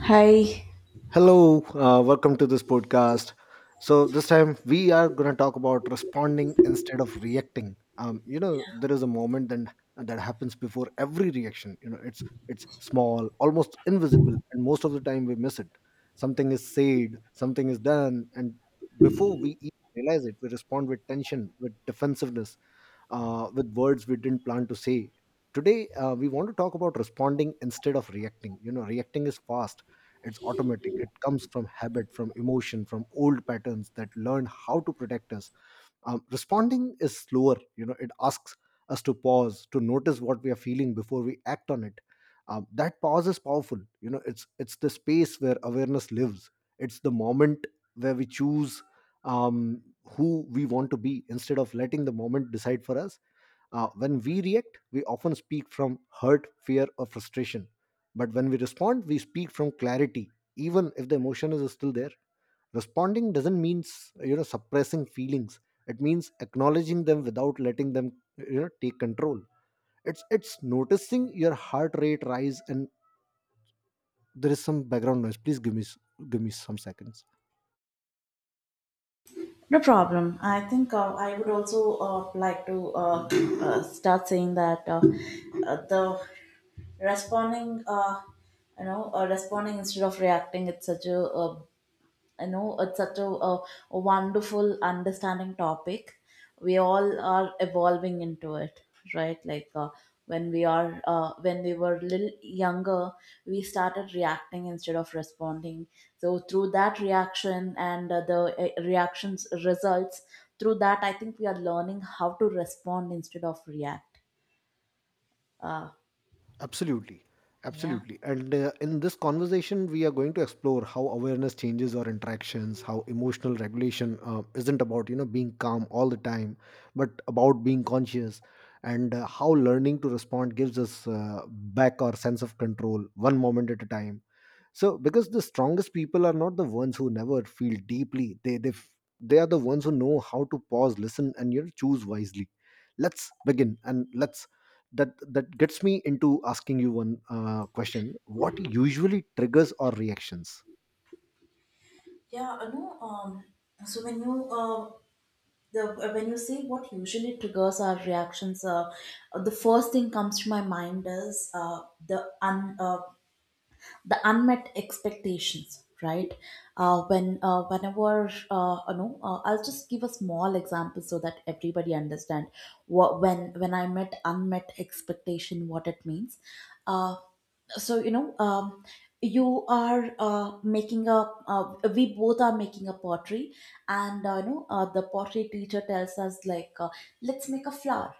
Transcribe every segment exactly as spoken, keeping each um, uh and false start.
Hi, Hello, uh, welcome to this podcast. So this time we are going to talk about responding instead of reacting. Um, you know, there is a moment then that happens before every reaction. You know, it's it's small, almost invisible, and most of the time we miss it. Something is said, something is done, and before we even realize it, we respond with tension, with defensiveness, uh, with words we didn't plan to say. Today, uh, we want to talk about responding instead of reacting. You know, reacting is fast, it's automatic. It comes from habit, from emotion, from old patterns that learn how to protect us. Um, responding is slower. You know, it asks us to pause, to notice what we are feeling before we act on it. Um, that pause is powerful. You know, it's it's the space where awareness lives. It's the moment where we choose um, who we want to be instead of letting the moment decide for us. Uh, when we react, we often speak from hurt, fear, or frustration. But when we respond, we speak from clarity, even if the emotion is still there. Responding doesn't mean, you know suppressing feelings. It means acknowledging them without letting them, you know take control. It's it's noticing your heart rate rise, and there is some background noise. Please give me s- give me some seconds. no problem. I think uh, I would also uh, like to uh, uh, start saying that uh, uh, the responding, uh, you know, uh, responding instead of reacting, it's such a, uh you know it's such a, a, a wonderful understanding topic. We all are evolving into it, right? Like uh, when we are uh, when we were little younger, we started reacting instead of responding. So through that reaction and uh, the uh, reactions results, through that I think we are learning how to respond instead of react. uh, Absolutely. yeah Absolutely. And uh, in this conversation, we are going to explore how awareness changes our interactions, how emotional regulation uh, isn't about, you know, being calm all the time, but about being conscious, and uh, how learning to respond gives us uh, back our sense of control one moment at a time. So, because the strongest people are not the ones who never feel deeply, they, they, f- they are the ones who know how to pause, listen, and, you know, choose wisely. Let's begin, and let's, that that gets me into asking you one uh, question. What usually triggers our reactions? Yeah, I know. Um, so when you uh, the when you say what usually triggers our reactions, uh, the first thing comes to my mind is uh, the un, uh, the unmet expectations, right? Uh, when uh, whenever uh, you know uh, I'll just give a small example so that everybody understand what when when I met unmet expectation what it means. uh, so you know um, you are uh, making a uh, we both are making a pottery, and uh, you know uh, the pottery teacher tells us like, uh, let's make a flower,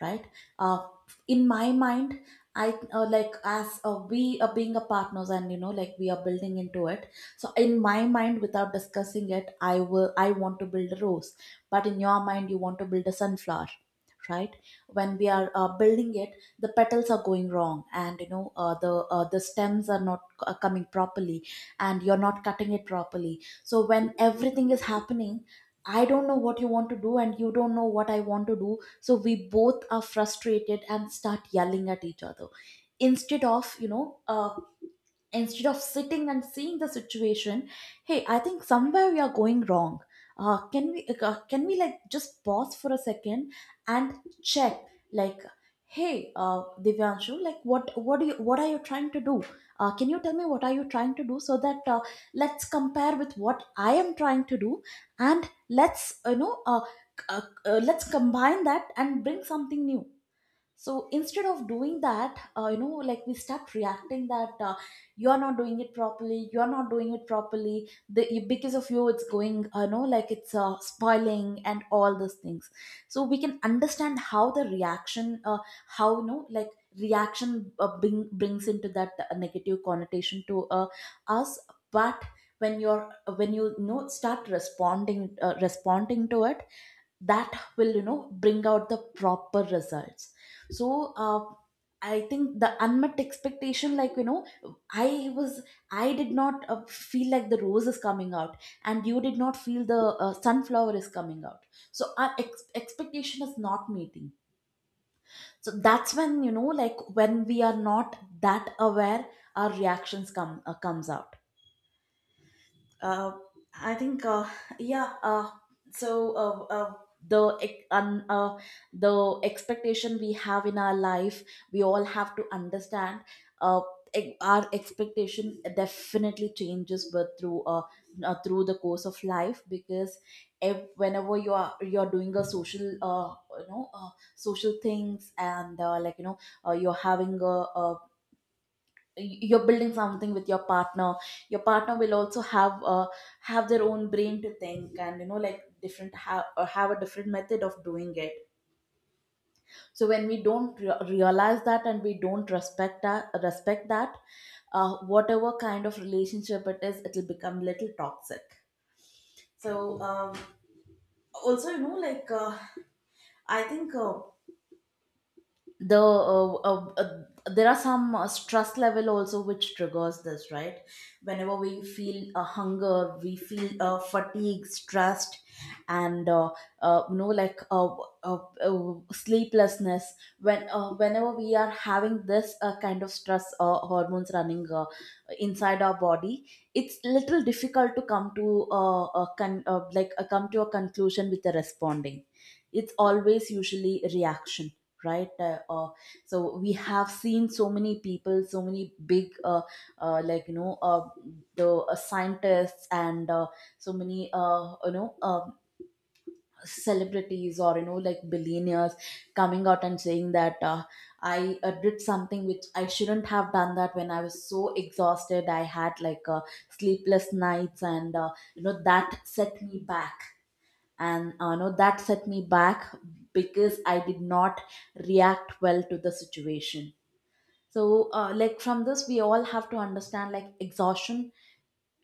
right? uh, in my mind, I uh, like as uh, we are being a partners and you know like we are building into it. So in my mind, without discussing it, I will I want to build a rose, but in your mind you want to build a sunflower, right? When we are uh, building it, the petals are going wrong, and you know uh, the uh, the stems are not uh, coming properly, and you're not cutting it properly. So when everything is happening, I don't know what you want to do, and you don't know what I want to do. So we both are frustrated and start yelling at each other, instead of you know uh, instead of sitting and seeing the situation. Hey, I think somewhere we are going wrong. Uh, can we uh, uh, can we like just pause for a second and check, like, hey, uh, Divyanshu, like what what do you what are you trying to do? Uh, can you tell me what are you trying to do so that, uh, let's compare with what I am trying to do, and let's, you know uh, c- uh, uh, let's combine that and bring something new. So instead of doing that, uh, you know, like we start reacting that, uh, you are not doing it properly, you are not doing it properly the, you- because of you it's going uh, you know like it's uh, spoiling, and all those things. So we can understand how the reaction uh, how you know like reaction uh, bring, brings into that uh, negative connotation to uh, us. But when you're when you, you know, start responding uh, responding to it, that will, you know, bring out the proper results. So uh, I think the unmet expectation, like, you know, I was, I did not uh, feel like the rose is coming out, and you did not feel the uh, sunflower is coming out. So our ex- expectation is not meeting. So that's when, you know, like when we are not that aware, our reactions come uh, comes out. uh, I think uh, yeah. Uh, so uh, uh, the ex- un, uh, the expectation we have in our life, we all have to understand. Uh, e- our expectation definitely changes, but through uh, uh through the course of life, because if, whenever you are you're doing a social uh you know uh, social things, and uh, like, you know, uh, you're having a, a you're building something with your partner, your partner will also have uh, have their own brain to think, and you know, like different have or have a different method of doing it. So when we don't re- realize that, and we don't respect that respect that, uh, whatever kind of relationship it is, it will become little toxic. So um, also, you know, like, uh, I think uh, the uh, uh, uh, there are some uh, stress level also which triggers this, right? Whenever we feel a hunger, we feel uh, fatigue, stressed, and uh, uh, you know like uh, uh, uh, sleeplessness. When uh, whenever we are having this uh, kind of stress uh, hormones running uh, inside our body, it's little difficult to come to uh, a con- uh, like uh, come to a conclusion with the responding. It's always usually reaction, right? Uh, uh, so we have seen so many people, so many big uh, uh, like you know uh, the uh, scientists, and uh, so many, uh, you know uh, celebrities, or you know, like billionaires, coming out and saying that, uh, I uh, did something which I shouldn't have done, that when I was so exhausted, I had like uh, sleepless nights, and uh, you know, that set me back. And uh, no, that set me back because I did not react well to the situation. So uh, like, from this we all have to understand, like exhaustion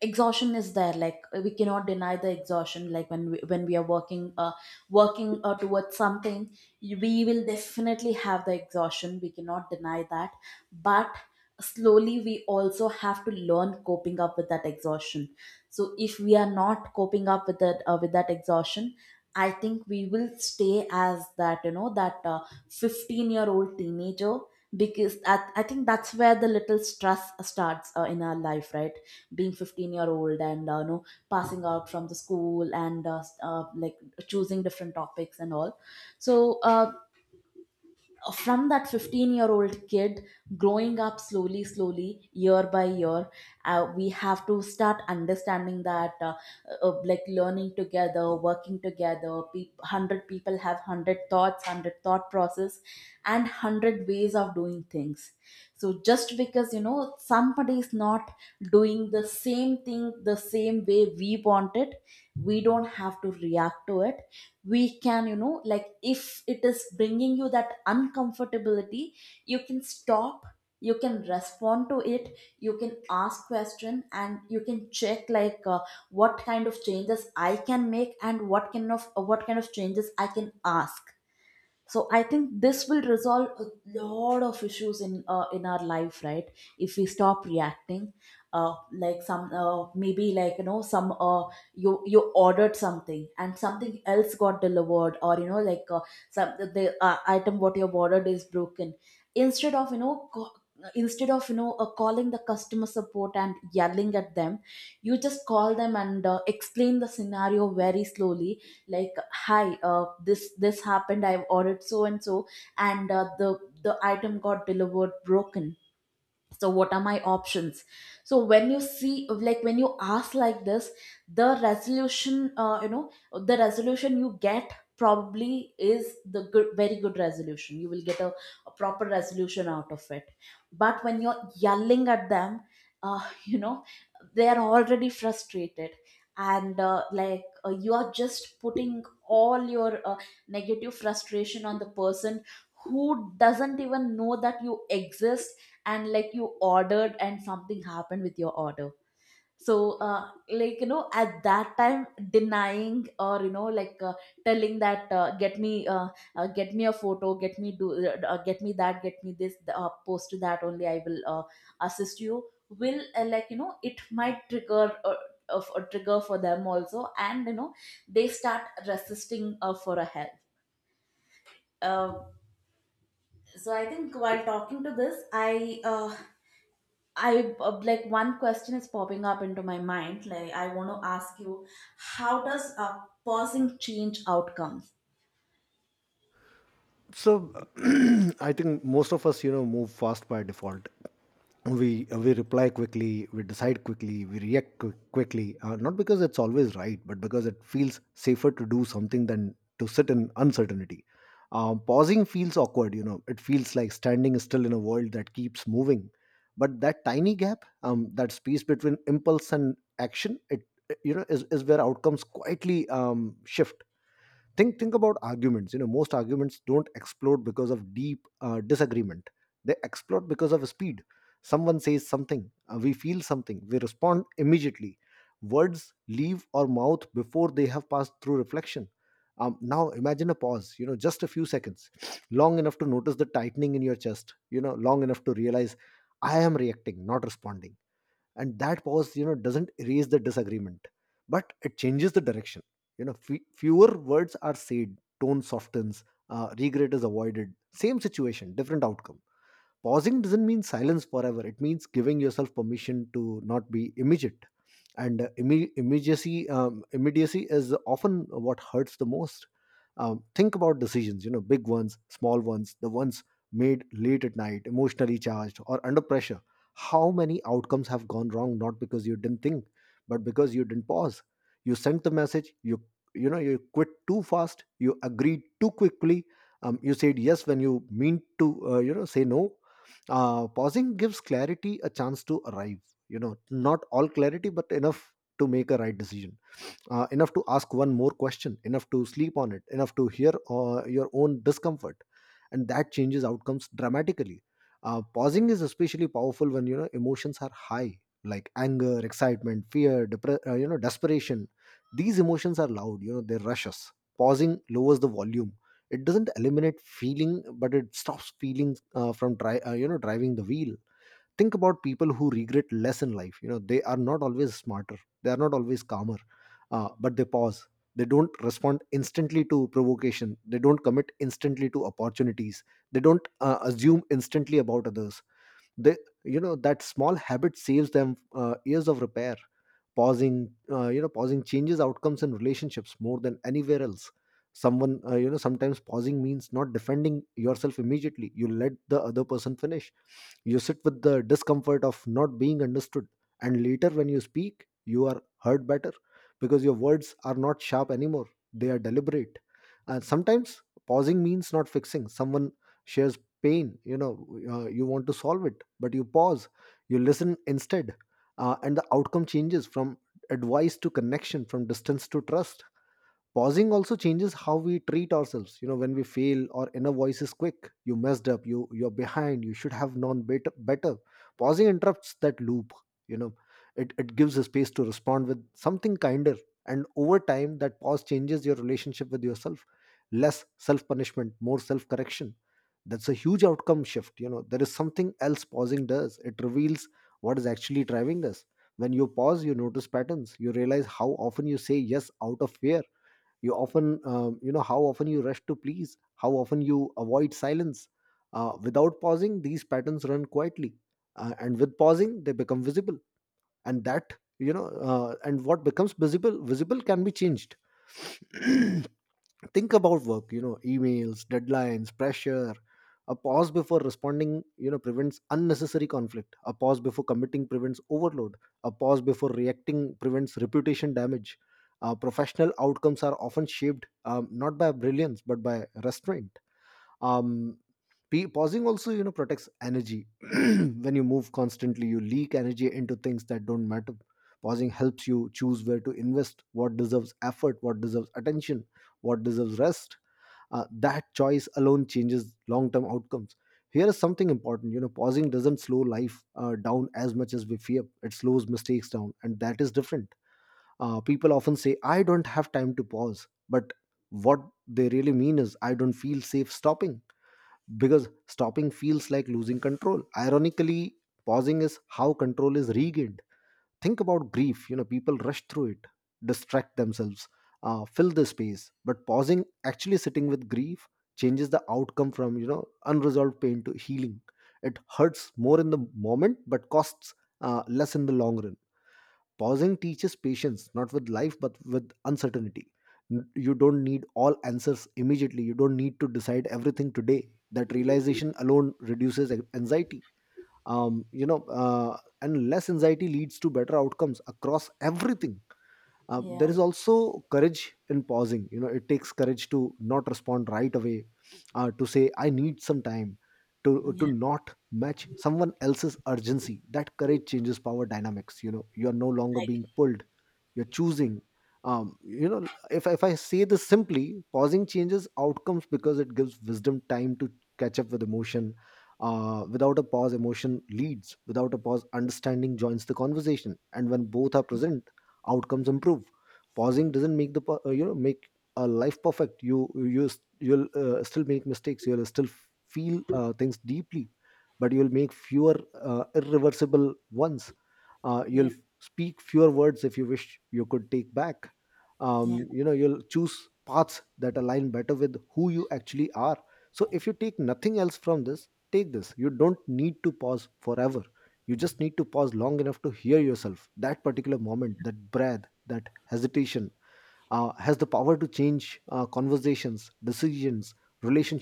exhaustion is there, like we cannot deny the exhaustion. Like when we, when we are working uh working uh, towards something, you- we will definitely have the exhaustion, we cannot deny that. But slowly we also have to learn coping up with that exhaustion. So if we are not coping up with that uh, with that exhaustion, I think we will stay as that, you know, that uh, fifteen year old teenager. Because that, I think that's where the little stress starts uh, in our life, right? Being fifteen year old, and uh, you know, passing out from the school, and uh, s- uh, like choosing different topics and all. So uh, from that fifteen year old kid, growing up slowly slowly year by year, uh, we have to start understanding that, uh, uh, like, learning together, working together, pe- a hundred people have a hundred thoughts, a hundred thought process, and a hundred ways of doing things. So just because, you know, somebody is not doing the same thing the same way we want it, we don't have to react to it. We can, you know, like, if it is bringing you that uncomfortability, you can stop, you can respond to it, you can ask question, and you can check, like, uh, what kind of changes I can make, and what kind of what kind of changes I can ask. So I think this will resolve a lot of issues in uh, in our life, right? If we stop reacting. uh, like some, uh, maybe, like, you know, some, uh, you you ordered something and something else got delivered, or you know, like, uh, some the, the uh, item what you have ordered is broken. Instead of, you know, co- instead of, you know, uh, calling the customer support and yelling at them, you just call them and uh, explain the scenario very slowly, like, hi, uh, this this happened, I've ordered so and so, and uh, the the item got delivered broken, so what are my options? So when you see, like, when you ask like this, the resolution, uh, you know the resolution you get probably is the good very good resolution, you will get a, a proper resolution out of it. But when you're yelling at them, uh, you know, they are already frustrated, and uh, like uh, you are just putting all your uh, negative frustration on the person who doesn't even know that you exist, and like you ordered and something happened with your order. So uh, like, you know, at that time, denying or, you know, like, uh, telling that, uh, get me uh, uh, get me a photo, get me do uh, uh, get me that, get me this, uh, post that, only I will uh, assist you, will uh, like, you know, it might trigger uh, of a trigger for them also, and you know, they start resisting uh, for a help. um, so I think while talking to this, i uh, I uh, like, one question is popping up into my mind. Like, I want to ask you, how does uh, pausing change outcomes? So, i think most of us, you know, move fast by default. We we reply quickly, we decide quickly, we react qui- quickly, uh, not because it's always right, but because it feels safer to do something than to sit in uncertainty. Um, pausing feels awkward. You know, it feels like standing still in a world that keeps moving, but that tiny gap, um, that space between impulse and action, it it, you know is, is where outcomes quietly um, shift. Think think about arguments. You know, most arguments don't explode because of deep uh, disagreement. They explode because of speed. Someone says something, uh, we feel something, we respond immediately. Words leave our mouth before they have passed through reflection. Um, now imagine a pause. You know, just a few seconds, long enough to notice the tightening in your chest. You know, long enough to realize, I am reacting, not responding. And that pause, you know, doesn't erase the disagreement, but it changes the direction. You know, fe- fewer words are said, tone softens, uh, regret is avoided. Same situation, different outcome. Pausing doesn't mean silence forever. It means giving yourself permission to not be immediate. And uh, imme- immediacy, um, immediacy is often what hurts the most. Um, think about decisions. You know, big ones, small ones, the ones made late at night, emotionally charged or under pressure. How many outcomes have gone wrong, not because you didn't think, but because you didn't pause? You sent the message, you you know, you quit too fast, you agreed too quickly. Um, you said yes when you mean to, uh, you know, say no. Uh, pausing gives clarity a chance to arrive. You know, not all clarity, but enough to make a right decision. Uh, enough to ask one more question, enough to sleep on it, enough to hear uh, your own discomfort. And that changes outcomes dramatically. Uh, pausing is especially powerful when, you know, emotions are high, like anger, excitement, fear, depre- uh, you know, desperation. These emotions are loud. You know, they rush us. Pausing lowers the volume. It doesn't eliminate feeling, but it stops feeling uh, from dri- uh, you know, driving the wheel. Think about people who regret less in life. You know, they are not always smarter, they are not always calmer, uh, but they pause. They don't respond instantly to provocation, they don't commit instantly to opportunities, they don't uh, assume instantly about others. They, you know, that small habit saves them uh, years of repair. Pausing uh, You know, pausing changes outcomes and relationships more than anywhere else. Someone uh, You know, sometimes pausing means not defending yourself immediately. You let the other person finish, you sit with the discomfort of not being understood, and later when you speak, you are heard better because your words are not sharp anymore. They are deliberate. And sometimes pausing means not fixing someone, shares pain. You know, uh, you want to solve it, but you pause, you listen instead. Uh, and the outcome changes from advice to connection, from distance to trust. Pausing also changes how we treat ourselves. You know, when we fail our inner voice is quick. You messed up, you you're behind, you should have known better better Pausing interrupts that loop. You know, it, it gives a space to respond with something kinder, and over time that pause changes your relationship with yourself. Less self punishment, more self correction. That's a huge outcome shift. You know, there is something else pausing does: it reveals what is actually driving us. When you pause, you notice patterns. You realize how often you say yes out of fear, you often, um, you know, how often you rush to please, how often you avoid silence. Uh, without pausing these patterns run quietly, uh, and with pausing they become visible. And that, you know, uh, and what becomes visible visible can be changed. Think about work. You know, emails, deadlines, pressure. A pause before responding, you know, prevents unnecessary conflict. A pause before committing prevents overload. A pause before reacting prevents reputation damage. Uh, professional outcomes are often shaped, um, not by brilliance, but by restraint. Um pe- pausing also, you know, protects energy. When you move constantly, you leak energy into things that don't matter. Pausing helps you choose where to invest, what deserves effort, what deserves attention, what deserves rest. Uh, that choice alone changes long-term outcomes. Here is something important. You know, pausing doesn't slow life uh, down as much as we fear. It slows mistakes down, and that is different. Uh, people often say, I don't have time to pause, but what they really mean is, I don't feel safe stopping, because stopping feels like losing control. Ironically, pausing is how control is regained. Think about grief. You know, people rush through it, distract themselves, uh, fill the space. But pausing, actually sitting with grief, changes the outcome from, you know, unresolved pain to healing. It hurts more in the moment but costs uh, less in the long run. Pausing teaches patience, not with life, but with uncertainty. N- You don't need all answers immediately. You don't need to decide everything today. That realization alone reduces an- anxiety. Um, you know, uh, and less anxiety leads to better outcomes across everything. Um, there Yeah, is also courage in pausing. You know, it takes courage to not respond right away, uh, to say, I need some time, to to yeah, not match someone else's urgency. That courage changes power dynamics. You know, you are no longer like being pulled, you're choosing. Um, you know, if, if I say this simply, pausing changes outcomes because it gives wisdom time to catch up with emotion. Uh, without a pause, emotion leads. Without a pause, understanding joins the conversation, and when both are present, outcomes improve. Pausing doesn't make the per- uh, you know, make a life perfect. You you s- you'll uh, still make mistakes, you'll still feel uh, things deeply, but you'll make fewer uh, irreversible ones. uh, yeah, you'll f- speak fewer words if you wish you could take back. yeah, um, You know, you'll choose paths that align better with who you actually are. So if you take nothing else from this, take this: you don't need to pause forever, you just need to pause long enough to hear yourself. That particular moment, that breath, that hesitation uh, has the power to change uh, conversations, decisions,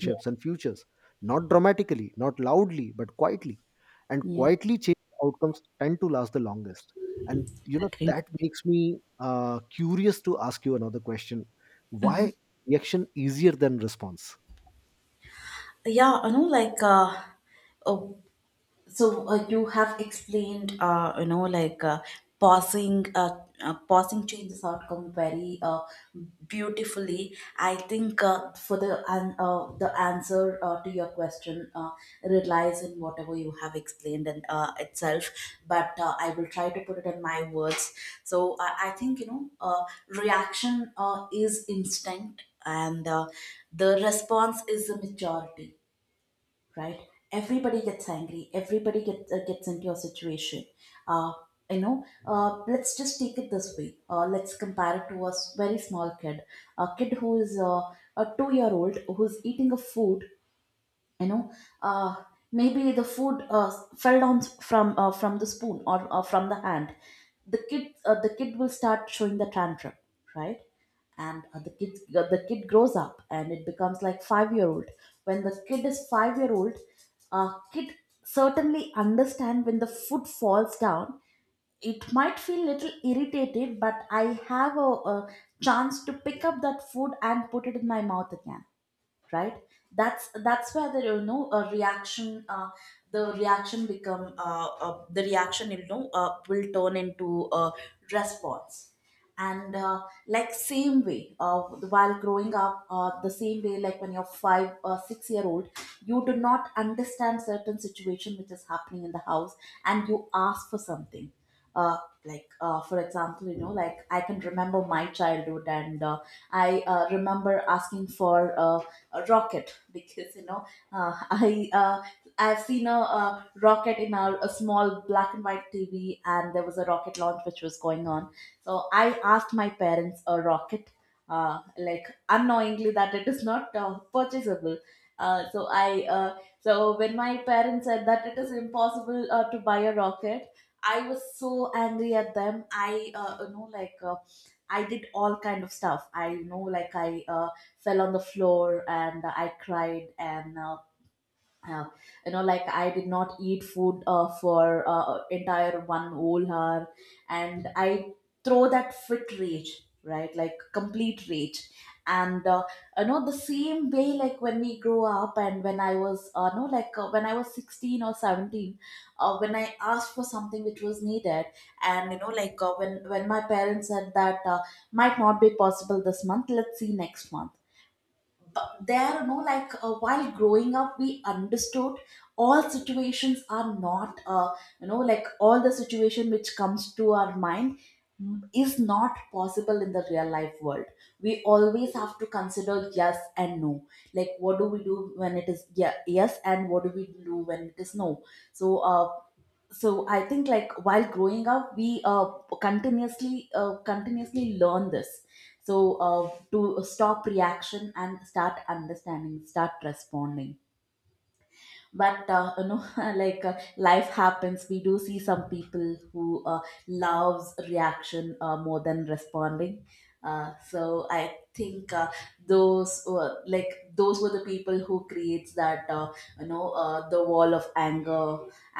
yeah, and futures. Not dramatically, not loudly, but quietly. And yeah. quietly changed outcomes tend to last the longest. And you know, Agree. that makes me uh, curious to ask you another question. Mm-hmm. Why reaction easier than response? Yeah, you know, like, uh, uh, so uh, you have explained, uh, you know like uh, pausing uh, uh, pausing changes outcome very uh, beautifully. I think uh, for the an uh, the answer uh, to your question uh, relies in whatever you have explained and uh, itself. But uh, I will try to put it in my words. So i, I think, you know, uh, reaction uh, is instinct, and uh, the response is the maturity, right? Everybody gets angry. Everybody gets uh, gets into a situation. Uh, you know, uh, let's just take it this way. Uh, let's compare it to a s- very small kid, a kid who is uh, a two year old who's eating a food you know uh, Maybe the food uh, fell down from uh, from the spoon or, or from the hand. The kid uh, the kid will start showing the tantrum, right? And uh, the kid uh, the kid grows up and it becomes like five year old. When the kid is five year old, uh, kid certainly understand when the foot falls down, it might feel little irritated, but I have a, a chance to pick up that food and put it in my mouth again, right? That's that's where the, you know, a reaction, uh, the reaction become uh, uh, the reaction, you know, uh, will turn into a response. And uh, like same way, uh, while growing up, uh, the same way, like when you're five or six year old, you do not understand certain situation which is happening in the house and you ask for something. uh, like uh, for example, you know, like I can remember my childhood and uh, I uh, remember asking for uh, a rocket because you know, uh, I uh, I've seen a, uh rocket in our a small black and white tv, and there was a rocket launch which was going on. So I asked my parents a rocket, uh, like unknowingly that it is not uh, purchasable. Uh, so i uh, so when my parents said that it is impossible uh, to buy a rocket, I was so angry at them. I, uh, you know, like uh, I did all kind of stuff. I You know, like I uh, fell on the floor and I cried and uh, uh, you know, like I did not eat food uh, for uh, entire one whole hour, and I throw that fit rage, right? Like complete rage. And uh, you know, the same way, like when we grow up and when I was uh, no like uh, when I was sixteen or seventeen, uh, when I asked for something which was needed, and you know, like uh, when when my parents said that uh, might not be possible this month, let's see next month. Uh, there, you know, like uh, while growing up, we understood all situations are not uh, you know, like all the situation which comes to our mind mm, is not possible in the real life world. We always have to consider yes and no, like what do we do when it is yeah, yes, and what do we do when it is no. so uh, so I think, like while growing up, we uh, continuously uh, continuously learn this. So uh, to stop reaction and start understanding, start responding. But uh, you know, like uh, life happens. We do see some people who uh, loves reaction uh, more than responding. Uh, so I think, uh, those were like those were the people who creates that, uh, you know, uh, the wall of anger.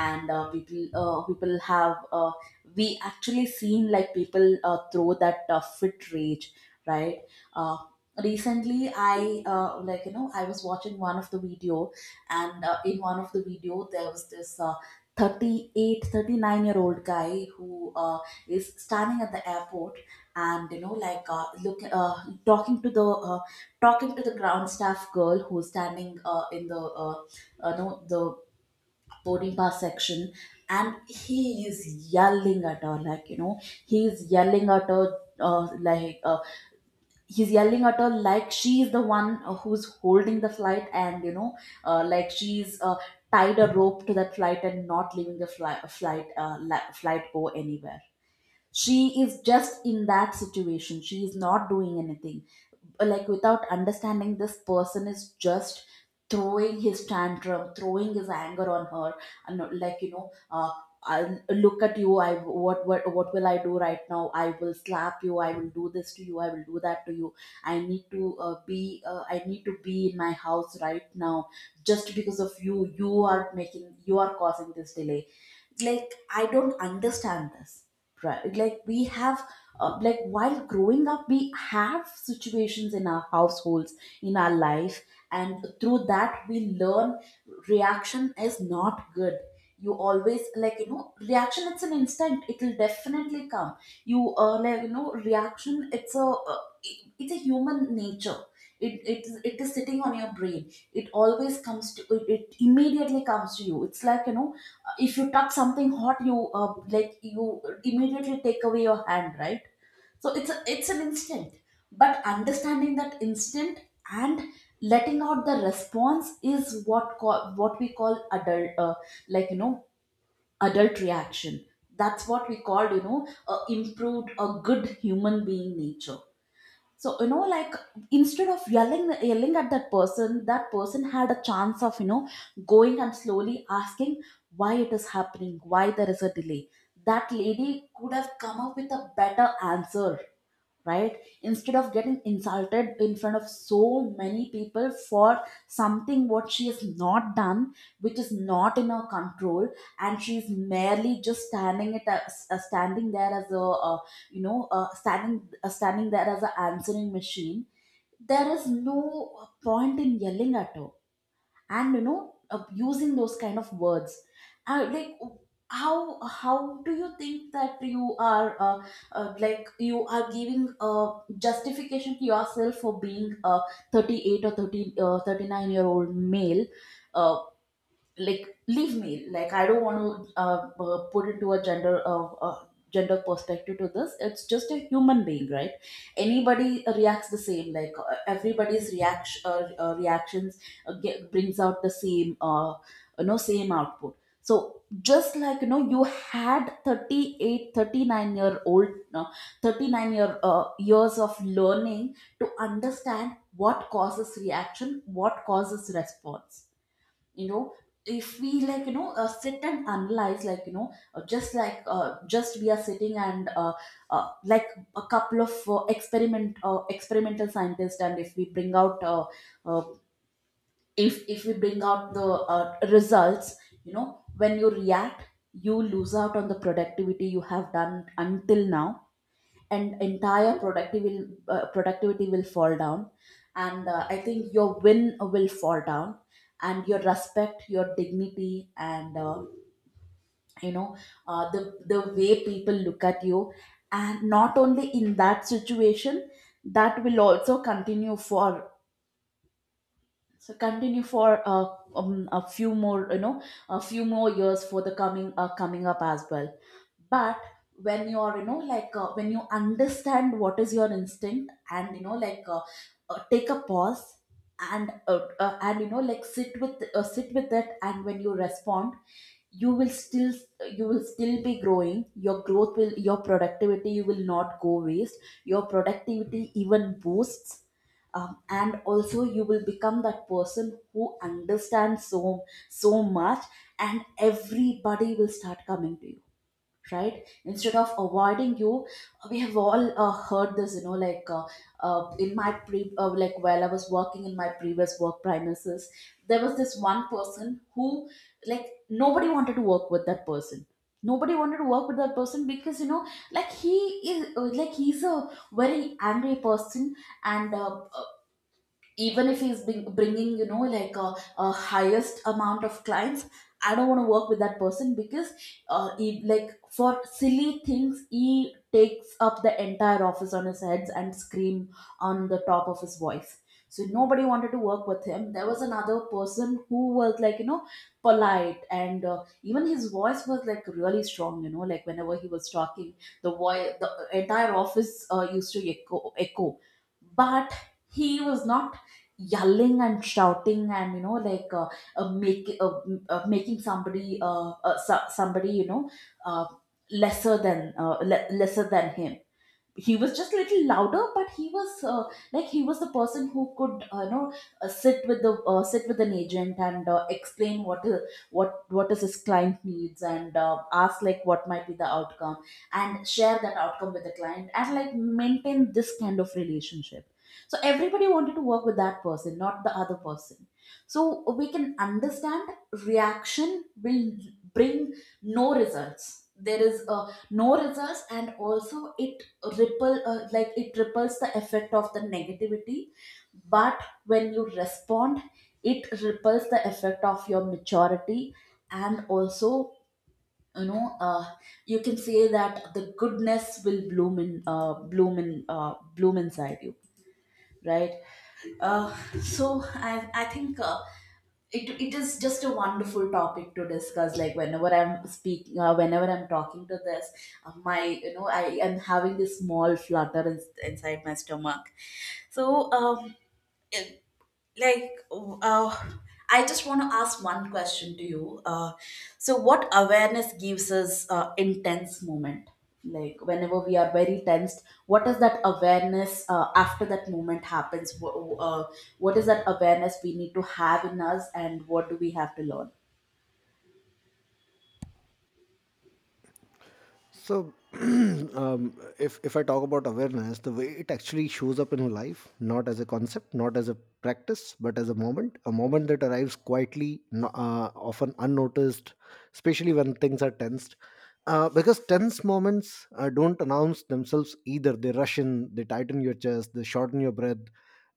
And uh, people uh, people have uh, we actually seen, like people uh, throw that uh, fit rage, right? uh, Recently I uh, like you know, I was watching one of the videos, and uh, in one of the video, there was this uh, thirty eight, thirty nine year old guy who uh, is standing at the airport, and you know, like uh, look uh, talking to the uh, talking to the ground staff girl who's standing uh, in the uh, uh, no the boarding pass section. And he is yelling at her, like, you know, he's yelling at her uh, like uh, he's yelling at her like she's the one uh, who's holding the flight, and you know, uh, like she's uh, tied a rope to that flight and not leaving the fly- flight uh, la- flight go anywhere. She is just in that situation, she is not doing anything. Like without understanding, this person is just throwing his tantrum, throwing his anger on her. And uh, like you know uh, I, look at you, I what, what what will I do right now? I will slap you, I will do this to you, I will do that to you. I need to uh, be uh, I need to be in my house right now. Just because of you you are making, you are causing this delay. Like I don't understand this, right? Like we have uh, like while growing up, we have situations in our households, in our life, and through that we learn reaction is not good. You always, like you know, reaction, it's an instant, it will definitely come. You uh, like you know, reaction, it's a uh, it- it's a human nature. It, it, is- it is sitting on your brain, it always comes to it, it immediately comes to you. It's like you know, if you touch something hot, you uh, like you immediately take away your hand, right? So it's a, it's an instinct. But understanding that instinct and letting out the response is what call, what we call adult, uh, like you know adult reaction. That's what we call, you know, uh, improved, a good human being nature. So you know, like instead of yelling yelling at that person, that person had a chance of, you know, going and slowly asking why it is happening, why there is a delay. That lady could have come up with a better answer, right, instead of getting insulted in front of so many people for something what she has not done, which is not in her control. And she's merely just standing it as, uh, standing there as a uh, you know uh, standing uh, standing there as an answering machine. There is no point in yelling at her, and you know, uh, using those kind of words. uh, like how how do you think that you are uh, uh, like you are giving uh, justification to yourself for being a thirty eight or thirty, uh, thirty nine year old male. uh, like leave me, like I don't want to uh, uh, put into a gender, uh, uh, gender perspective to this. It's just a human being, right? Anybody reacts the same. Like uh, everybody's reaction, uh, uh, reactions uh, get, brings out the same, uh, you know, same output. So just like you know, you had thirty eight, thirty nine year old uh, thirty nine year uh, years of learning to understand what causes reaction, what causes response, you know. If we, like you know, uh, sit and analyze, like you know, uh, just like uh, just we are sitting and uh, uh, like a couple of uh, experiment uh, experimental scientists, and if we bring out uh, uh, if if we bring out the uh, results, you know, when you react, you lose out on the productivity you have done until now, and entire productivity will uh, productivity will fall down. And uh, I think your win will fall down, and your respect, your dignity, and uh, you know, uh, the the way people look at you. And not only in that situation, that will also continue for so continue for uh, um, a few more, you know, a few more years for the coming uh, coming up as well. But when you are, you know, like uh, when you understand what is your instinct, and you know, like uh, uh, take a pause, and uh, uh, and you know, like sit with uh, sit with it, and when you respond, you will still, you will still be growing, your growth will, your productivity will not go waste, your productivity even boosts. Um, and also, you will become that person who understands so so much, and everybody will start coming to you, right, instead of avoiding you. We have all uh, heard this, you know, like uh, uh, in my pre uh, like while I was working in my previous work premises, there was this one person who, like, nobody wanted to work with that person. Nobody wanted to work with that person because, you know, like he is uh, like he's a very angry person. And uh, even if he's bring, bringing, you know, like a, a highest amount of clients, I don't want to work with that person because uh, he, like for silly things, he takes up the entire office on his heads and scream on the top of his voice. So nobody wanted to work with him. There was another person who was, like you know, polite, and uh, even his voice was like really strong, you know, like whenever he was talking, the voice the entire office uh, used to echo echo. But he was not yelling and shouting, and you know, like uh, uh, make, uh, m- uh, making somebody uh, uh, so, somebody, you know, uh, lesser than uh, le- lesser than him. He was just a little louder, but he was uh, like he was the person who could uh, you know, uh, sit with the uh, sit with an agent, and uh, explain what is what what is his client needs, and uh, ask like what might be the outcome, and share that outcome with the client, and like maintain this kind of relationship. So everybody wanted to work with that person, not the other person. So we can understand reaction will bring no results. There is a no results, and also it ripple uh, like it ripples the effect of the negativity. But when you respond, it ripples the effect of your maturity. And also, you know, uh, you can say that the goodness will bloom in uh, bloom in uh, bloom inside you, right? uh, so i i think uh, it, it is just a wonderful topic to discuss. Like whenever I'm speaking, uh, whenever I'm talking to this, uh, my, you know, I am having this small flutter in, inside my stomach. So um, like uh, I just want to ask one question to you. Uh, so what awareness gives us uh, intense moment? Like whenever we are very tensed, what is that awareness uh, after that moment happens? Wh- uh, what is that awareness we need to have in us, and what do we have to learn? So, um, if if I talk about awareness, the way it actually shows up in life, not as a concept, not as a practice, but as a moment, a moment that arrives quietly, no- uh, often unnoticed, especially when things are tensed. Uh, because tense moments uh, don't announce themselves either. They rush in, they tighten your chest, they shorten your breath,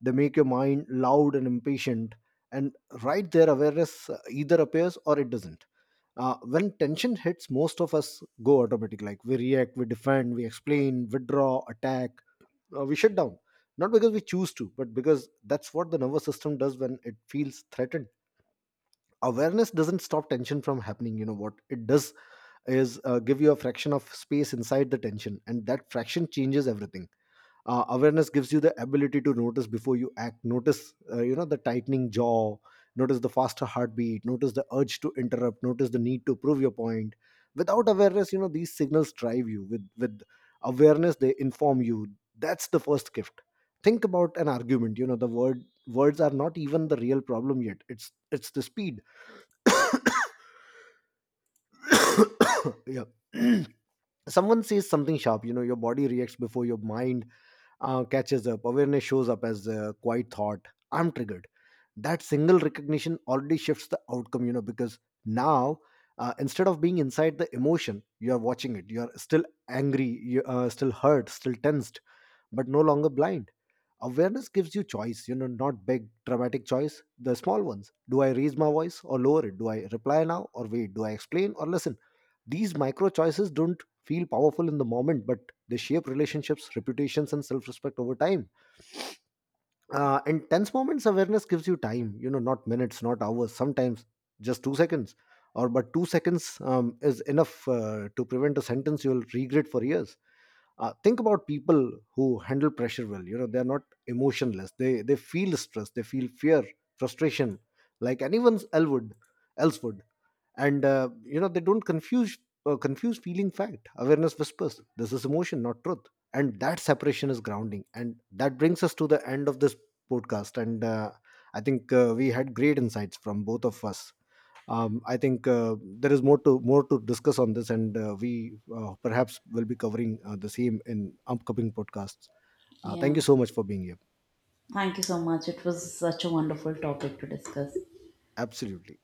they make your mind loud and impatient. And right there, awareness uh, either appears or it doesn't. Uh, when tension hits, most of us go automatic. Like, we react, we defend, we explain, withdraw, attack, uh, we shut down. Not because we choose to, but because that's what the nervous system does when it feels threatened. Awareness doesn't stop tension from happening. You know what it does is uh, give you a fraction of space inside the tension, and that fraction changes everything. Uh, awareness gives you the ability to notice before you act. Notice, uh, you know, the tightening jaw, notice the faster heartbeat, notice the urge to interrupt, notice the need to prove your point. Without awareness, you know, these signals drive you. With with awareness, they inform you. That's the first gift. Think about an argument. You know, the word words are not even the real problem yet. it's it's the speed. Yeah. Someone says something sharp. You know, your body reacts before your mind uh, catches up. Awareness shows up as a quiet thought: I'm triggered. That single recognition already shifts the outcome, you know, because now, uh, instead of being inside the emotion, you are watching it. You are still angry, you are still hurt, still tensed, but no longer blind. Awareness gives you choice, you know, not big, dramatic choice, the small ones. Do I raise my voice or lower it? Do I reply now or wait? Do I explain or listen? These micro choices don't feel powerful in the moment, but they shape relationships, reputations, and self respect over time. Uh, in tense moments, awareness gives you time, you know, not minutes, not hours, sometimes just two seconds. Or, but two seconds um, is enough uh, to prevent a sentence you'll regret for years. Uh, think about people who handle pressure well. You know, they're not emotionless. they they feel stress, they feel fear, frustration, like anyone's elwood else would. And uh, you know, they don't confuse, uh, confuse feeling fact. Awareness whispers, this is emotion, not truth, and that separation is grounding. And that brings us to the end of this podcast. And uh, i think uh, we had great insights from both of us. Um, i think uh, there is more to more to discuss on this, and uh, we uh, perhaps will be covering uh, the same in upcoming podcasts. Uh, thank Yeah, you so much for being here. thank you so much. It was such a wonderful topic to discuss. Absolutely.